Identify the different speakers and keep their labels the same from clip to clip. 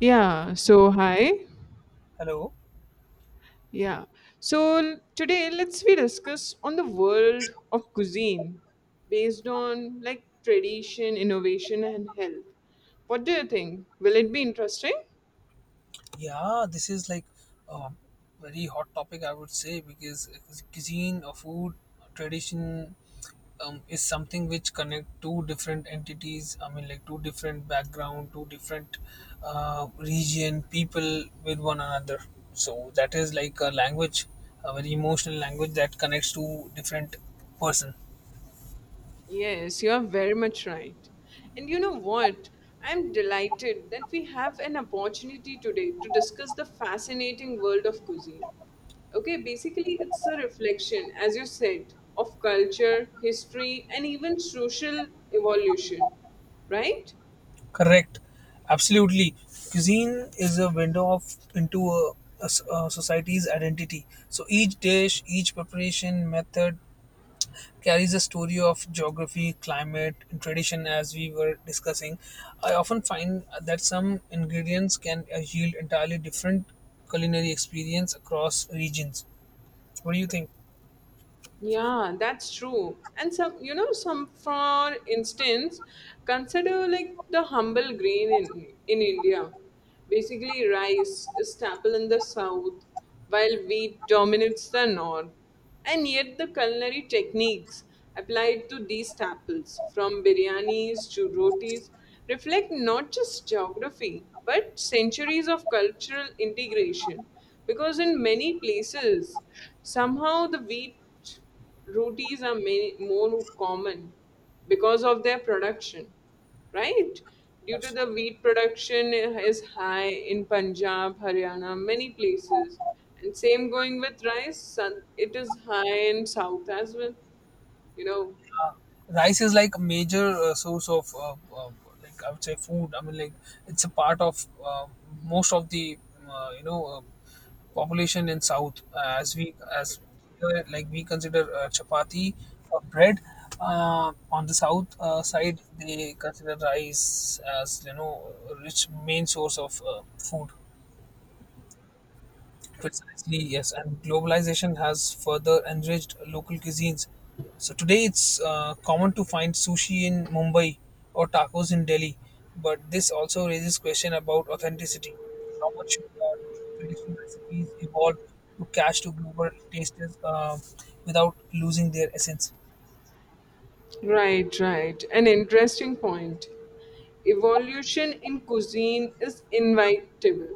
Speaker 1: Yeah, so hi.
Speaker 2: Hello.
Speaker 1: Yeah. Today let's we discuss on the world of cuisine based on like tradition, innovation and health. What do you think? Will it be interesting?
Speaker 2: Yeah, this is like a very hot topic, I would say, because cuisine or food tradition is something which connect two different entities. I mean, like two different background, two different region, people with one another. So that is like a language, a very emotional language that connects to different person.
Speaker 1: Yes, you are very much right. And you know what? I'm delighted that we have an opportunity today to discuss the fascinating world of cuisine. Okay, basically, it's a reflection, as you said, of culture, history, and even social evolution, right?
Speaker 2: Correct. Absolutely. Cuisine is a window of into a society's identity. So each dish, each preparation method carries a story of geography, climate, and tradition as we were discussing. I often find that some ingredients can yield entirely different culinary experience across regions. What do you think?
Speaker 1: Yeah, that's true. And some, you know, some, for instance, consider like the humble grain in India. Basically, rice is staple in the south, while wheat dominates the north. And yet, the culinary techniques applied to these staples, from biryanis to rotis, reflect not just geography, but centuries of cultural integration. Because in many places, somehow the wheat Rooties are many more common because of their production, right? Due to the
Speaker 2: Absolutely.
Speaker 1: wheat production is high in Punjab, Haryana, many places, and same going with rice. It is high in South as well. You know,
Speaker 2: Rice is like a major source of like I would say food. I mean, like it's a part of most of the uh, you know uh, population in south, as we as like we consider chapati or bread on the south side, they consider rice as you know rich main source of food. Precisely, yes. And globalization has further enriched local cuisines. So today it's common to find sushi in Mumbai or tacos in Delhi, but this also raises question about authenticity. How much should traditional recipes evolve to catch to global tastes without losing their essence?
Speaker 1: right, right. An interesting point. Evolution in cuisine is inevitable,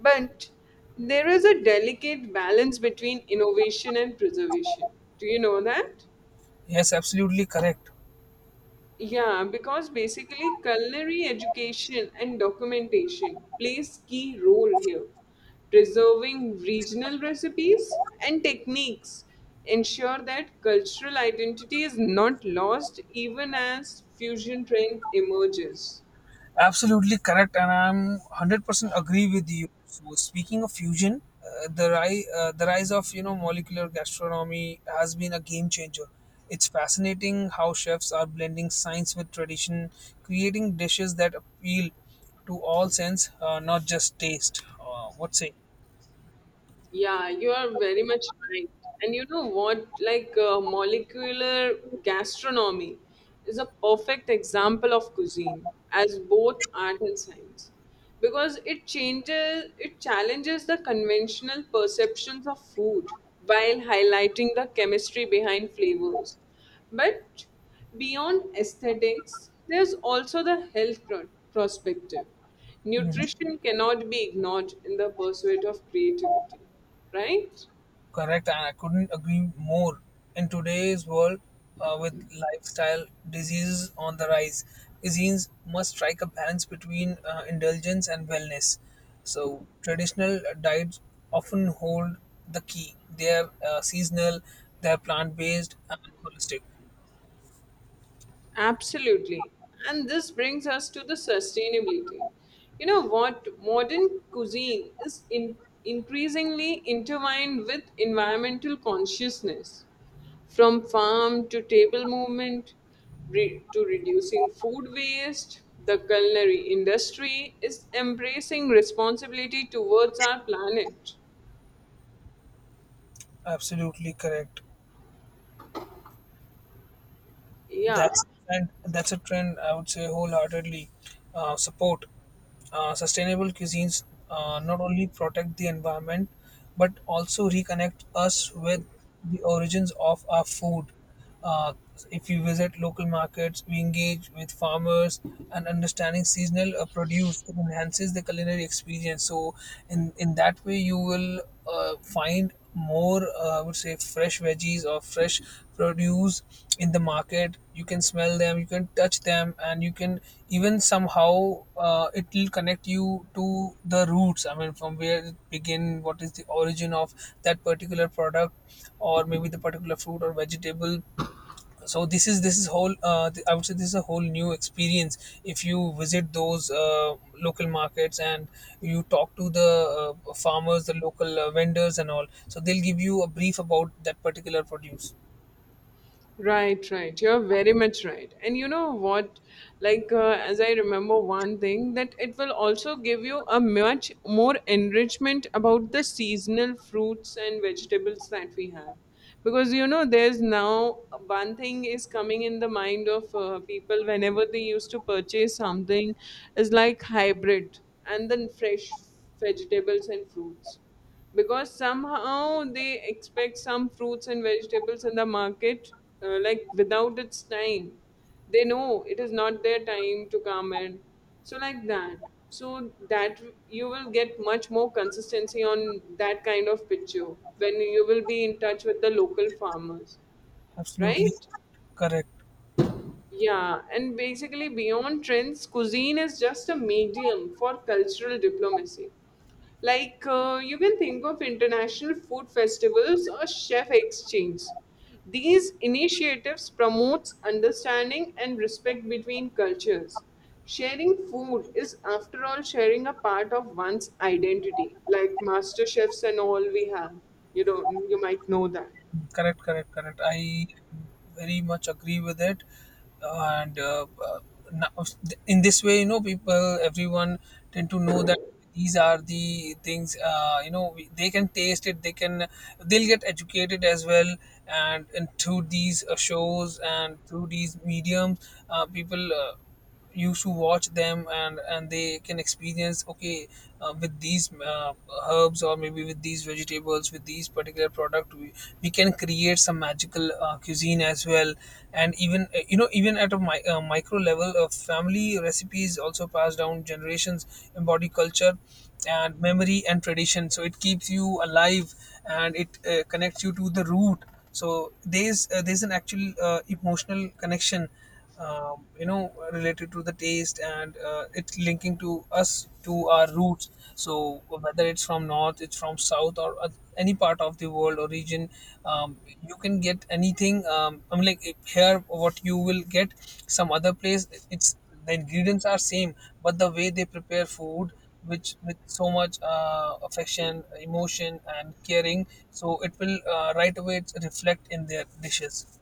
Speaker 1: but there is a delicate balance between innovation and preservation. Do you know that?
Speaker 2: Yes, absolutely correct.
Speaker 1: Yeah, because basically culinary education and documentation plays key role here. Preserving regional recipes and techniques ensure that cultural identity is not lost even as fusion trend emerges.
Speaker 2: Absolutely correct, and I'm 100% agree with you. So speaking of fusion, the rise of you know molecular gastronomy has been a game changer. It's fascinating how chefs are blending science with tradition, creating dishes that appeal to all sense, not just taste. What say?
Speaker 1: Yeah, you are very much right. And you know what? Like molecular gastronomy is a perfect example of cuisine as both art and science because it changes, it challenges the conventional perceptions of food while highlighting the chemistry behind flavors. But beyond aesthetics, there's also the perspective. Nutrition cannot be ignored in the pursuit of creativity, right?
Speaker 2: Correct, and I couldn't agree more. In today's world, with lifestyle diseases on the rise, cuisines must strike a balance between indulgence and wellness. So, traditional diets often hold the key. They are seasonal, they are plant based, and holistic.
Speaker 1: Absolutely. And this brings us to the sustainability. You know what? Modern cuisine is increasingly intertwined with environmental consciousness, from farm to table movement to reducing food waste. The culinary industry is embracing responsibility towards our planet.
Speaker 2: Absolutely correct.
Speaker 1: Yeah.
Speaker 2: That's And that's a trend I would say wholeheartedly support. Sustainable cuisines not only protect the environment but also reconnect us with the origins of our food. Uh, if we visit local markets, we engage with farmers, and understanding seasonal produce, it enhances the culinary experience. So, in that way, you will find more I would say fresh veggies or fresh produce in the market. You can smell them, you can touch them, and you can even somehow, it will connect you to the roots. I mean, from where it begin, what is the origin of that particular product, or maybe the particular fruit or vegetable. So this is whole, I would say this is a whole new experience if you visit those local markets and you talk to the farmers, the local vendors, and all, so they'll give you a brief about that particular produce.
Speaker 1: Right, right. You're very much right. And you know what? Like, as I remember one thing, that it will also give you a much more enrichment about the seasonal fruits and vegetables that we have. Because, you know, there's now one thing is coming in the mind of people whenever they used to purchase something is like hybrid and then fresh vegetables and fruits, because somehow they expect some fruits and vegetables in the market like without its time. They know it is not their time to come in, so like that, so that you will get much more consistency on that kind of picture when you will be in touch with the local farmers,
Speaker 2: Absolutely
Speaker 1: right?
Speaker 2: correct.
Speaker 1: Yeah, and basically, beyond trends, cuisine is just a medium for cultural diplomacy. Like, you can think of international food festivals or chef exchange. These initiatives promotes understanding and respect between cultures. Sharing food is, after all, sharing a part of one's identity, like master chefs and all we have. You know, you might know that.
Speaker 2: Correct, correct, correct. I very much agree with it, and now in this way, you know, people, everyone tend to know that these are the things. You know, we, they can taste it. They can, they'll get educated as well, and through these shows and through these mediums, people. Used to watch them, and they can experience okay with these herbs, or maybe with these vegetables, with these particular product, we can create some magical cuisine as well. And even you know, even at a micro level of family recipes also pass down generations, embody culture and memory and tradition. So it keeps you alive, and it connects you to the root. So there's an actual emotional connection, you know, related to the taste, and it's linking to us to our roots. So whether it's from north, it's from south, any part of the world or region, you can get anything. I'm like, if here what you will get, some other place it's, the ingredients are same, but the way they prepare food, which with so much affection, emotion, and caring, so it will right away it's reflect in their dishes.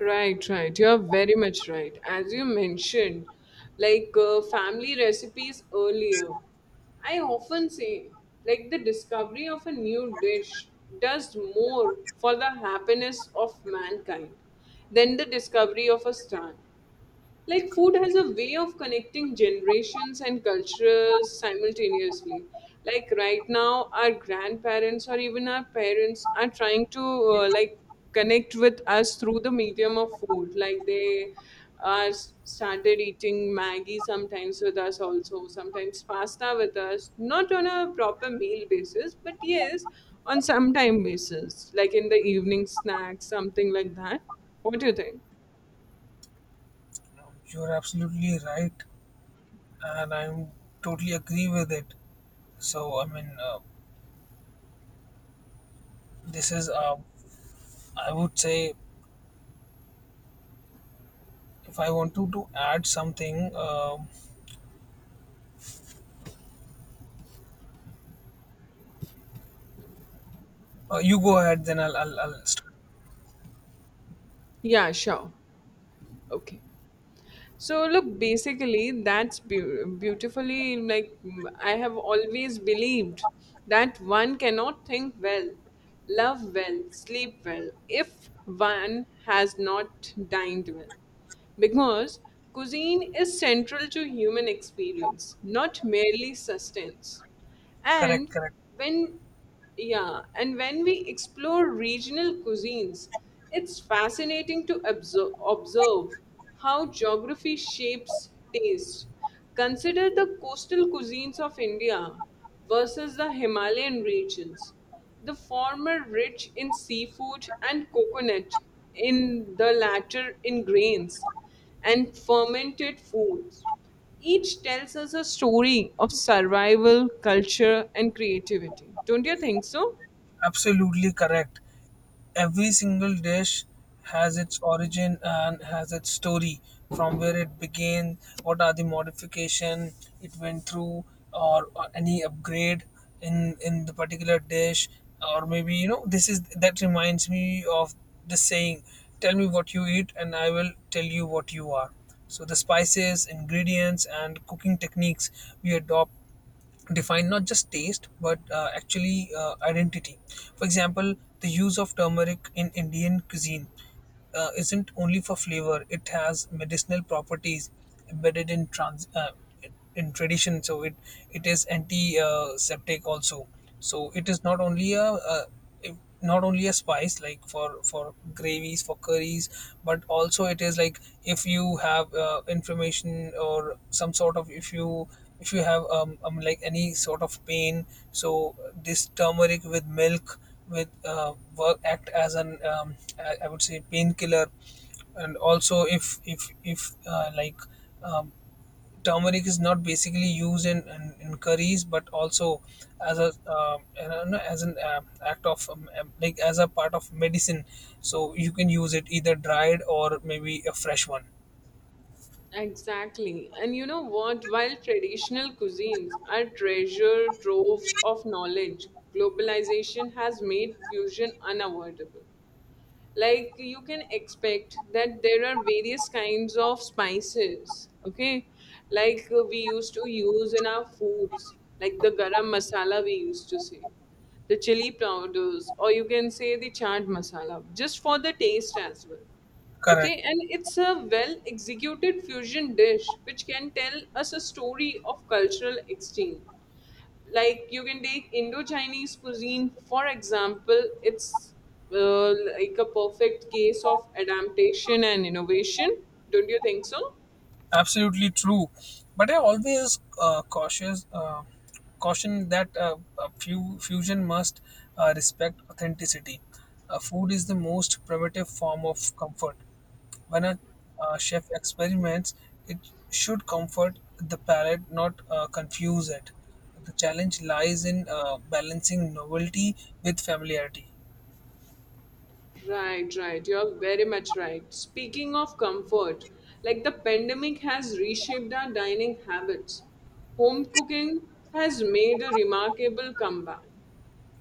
Speaker 1: Right, right. You're very much right. As you mentioned, like family recipes earlier, I often say, like, the discovery of a new dish does more for the happiness of mankind than the discovery of a star. Like food has a way of connecting generations and cultures simultaneously. Like right now, our grandparents or even our parents are trying to like connect with us through the medium of food. Like they started eating Maggie sometimes with us also, sometimes pasta with us, not on a proper meal basis, but yes, on some time basis, like in the evening snacks, something like that. What do you think?
Speaker 2: You're absolutely right, and I'm totally agree with it. So I mean, this is I would say, if I want to add something, um you go ahead, then I'll start.
Speaker 1: Yeah, sure. Okay. So look, basically that's beautifully like I have always believed that one cannot think well, love well, sleep well, if one has not dined well, because cuisine is central to human experience, not merely sustenance.
Speaker 2: Correct,
Speaker 1: And
Speaker 2: correct.
Speaker 1: when yeah, and when we explore regional cuisines, it's fascinating to observe how geography shapes taste. Consider the coastal cuisines of India versus the Himalayan regions, the former rich in seafood and coconut, in the latter in grains and fermented foods. Each tells us a story of survival, culture, and creativity. Don't you think so?
Speaker 2: Absolutely correct. Every single dish has its origin and has its story from where it began, what are the modification it went through, or any upgrade in the particular dish, or maybe you know this is that reminds me of the saying, "Tell me what you eat, and I will tell you what you are." So the spices, ingredients, and cooking techniques we adopt define not just taste but actually identity. For example, the use of turmeric in Indian cuisine isn't only for flavor; it has medicinal properties embedded in trans in tradition. So it is antiseptic also. So it is not only a not only a spice like for gravies, for curries, but also it is like if you have information or some sort of, if you have like any sort of pain. So this turmeric with milk with work act as an I would say painkiller. And also if like um, turmeric is not basically used in curries, but also as a you know, no, as an act of like as a part of medicine. So you can use it either dried or maybe a fresh one.
Speaker 1: Exactly. And you know what? While traditional cuisines are treasure troves of knowledge, globalization has made fusion unavoidable. Like you can expect that there are various kinds of spices, okay, like we used to use in our foods, like the garam masala we used to say, the chili powders, or you can say the chaat masala just for the taste as well. Okay,
Speaker 2: Correct.
Speaker 1: and it's a well executed fusion dish which can tell us a story of cultural exchange. Like you can take indo-chinese cuisine for example, it's uh, like a perfect case of adaptation and innovation. Don't you think so?
Speaker 2: Absolutely true, but I always cautious caution that a few fusion must respect authenticity. Food is the most primitive form of comfort. When a chef experiments, it should comfort the palate, not confuse it. The challenge lies in balancing novelty with familiarity.
Speaker 1: Right, right, you're very much right. Speaking of comfort, like the pandemic has reshaped our dining habits. Home cooking has made a remarkable comeback.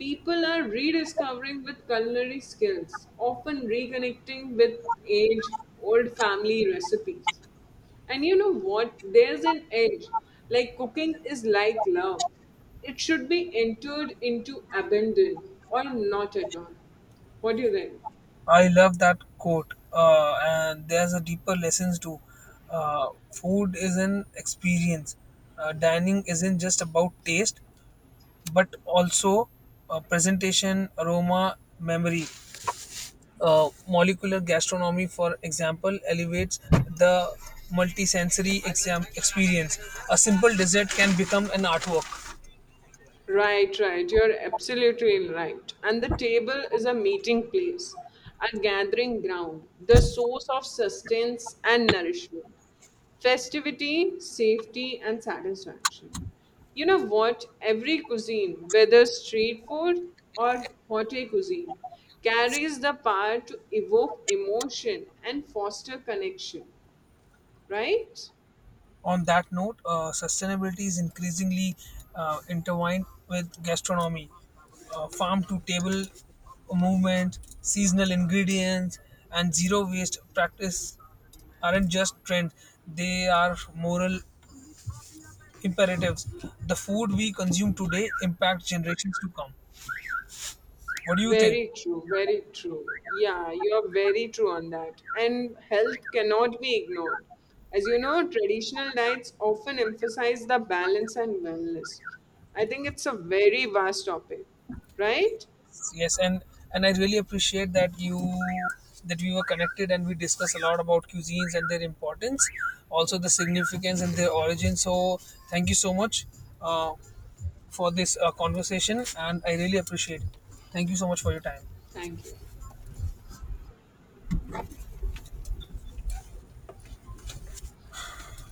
Speaker 1: People are rediscovering with culinary skills, often reconnecting with age old family recipes. And you know what? There's an edge. Like cooking is like love, it should be entered into abandon or not at all. What do you think?
Speaker 2: I love that quote, and there's a deeper lesson too. Food is an experience. Dining isn't just about taste, but also presentation, aroma, memory. Molecular gastronomy, for example, elevates the multisensory experience. A simple dessert can become an artwork.
Speaker 1: Right, right. You're absolutely right. And the table is a meeting place, a gathering ground, the source of sustenance and nourishment, festivity, safety, and satisfaction. You know what? Every cuisine, whether street food or hotel cuisine, carries the power to evoke emotion and foster connection, right?
Speaker 2: On that note, sustainability is increasingly intertwined with gastronomy. Farm to table movement, seasonal ingredients, and zero waste practice aren't just trends, they are moral imperatives. The food we consume today impacts generations to come. What do you think?
Speaker 1: Very true, very true. Yeah, you are very true on that. And health cannot be ignored. As you know, traditional diets often emphasize the balance and wellness. I think it's a very vast topic, right?
Speaker 2: Yes, and I really appreciate that you that we were connected and we discussed a lot about cuisines and their importance, also the significance and their origin. So thank you so much uh, for this conversation, and I really appreciate it. Thank you so much for your time.
Speaker 1: Thank you.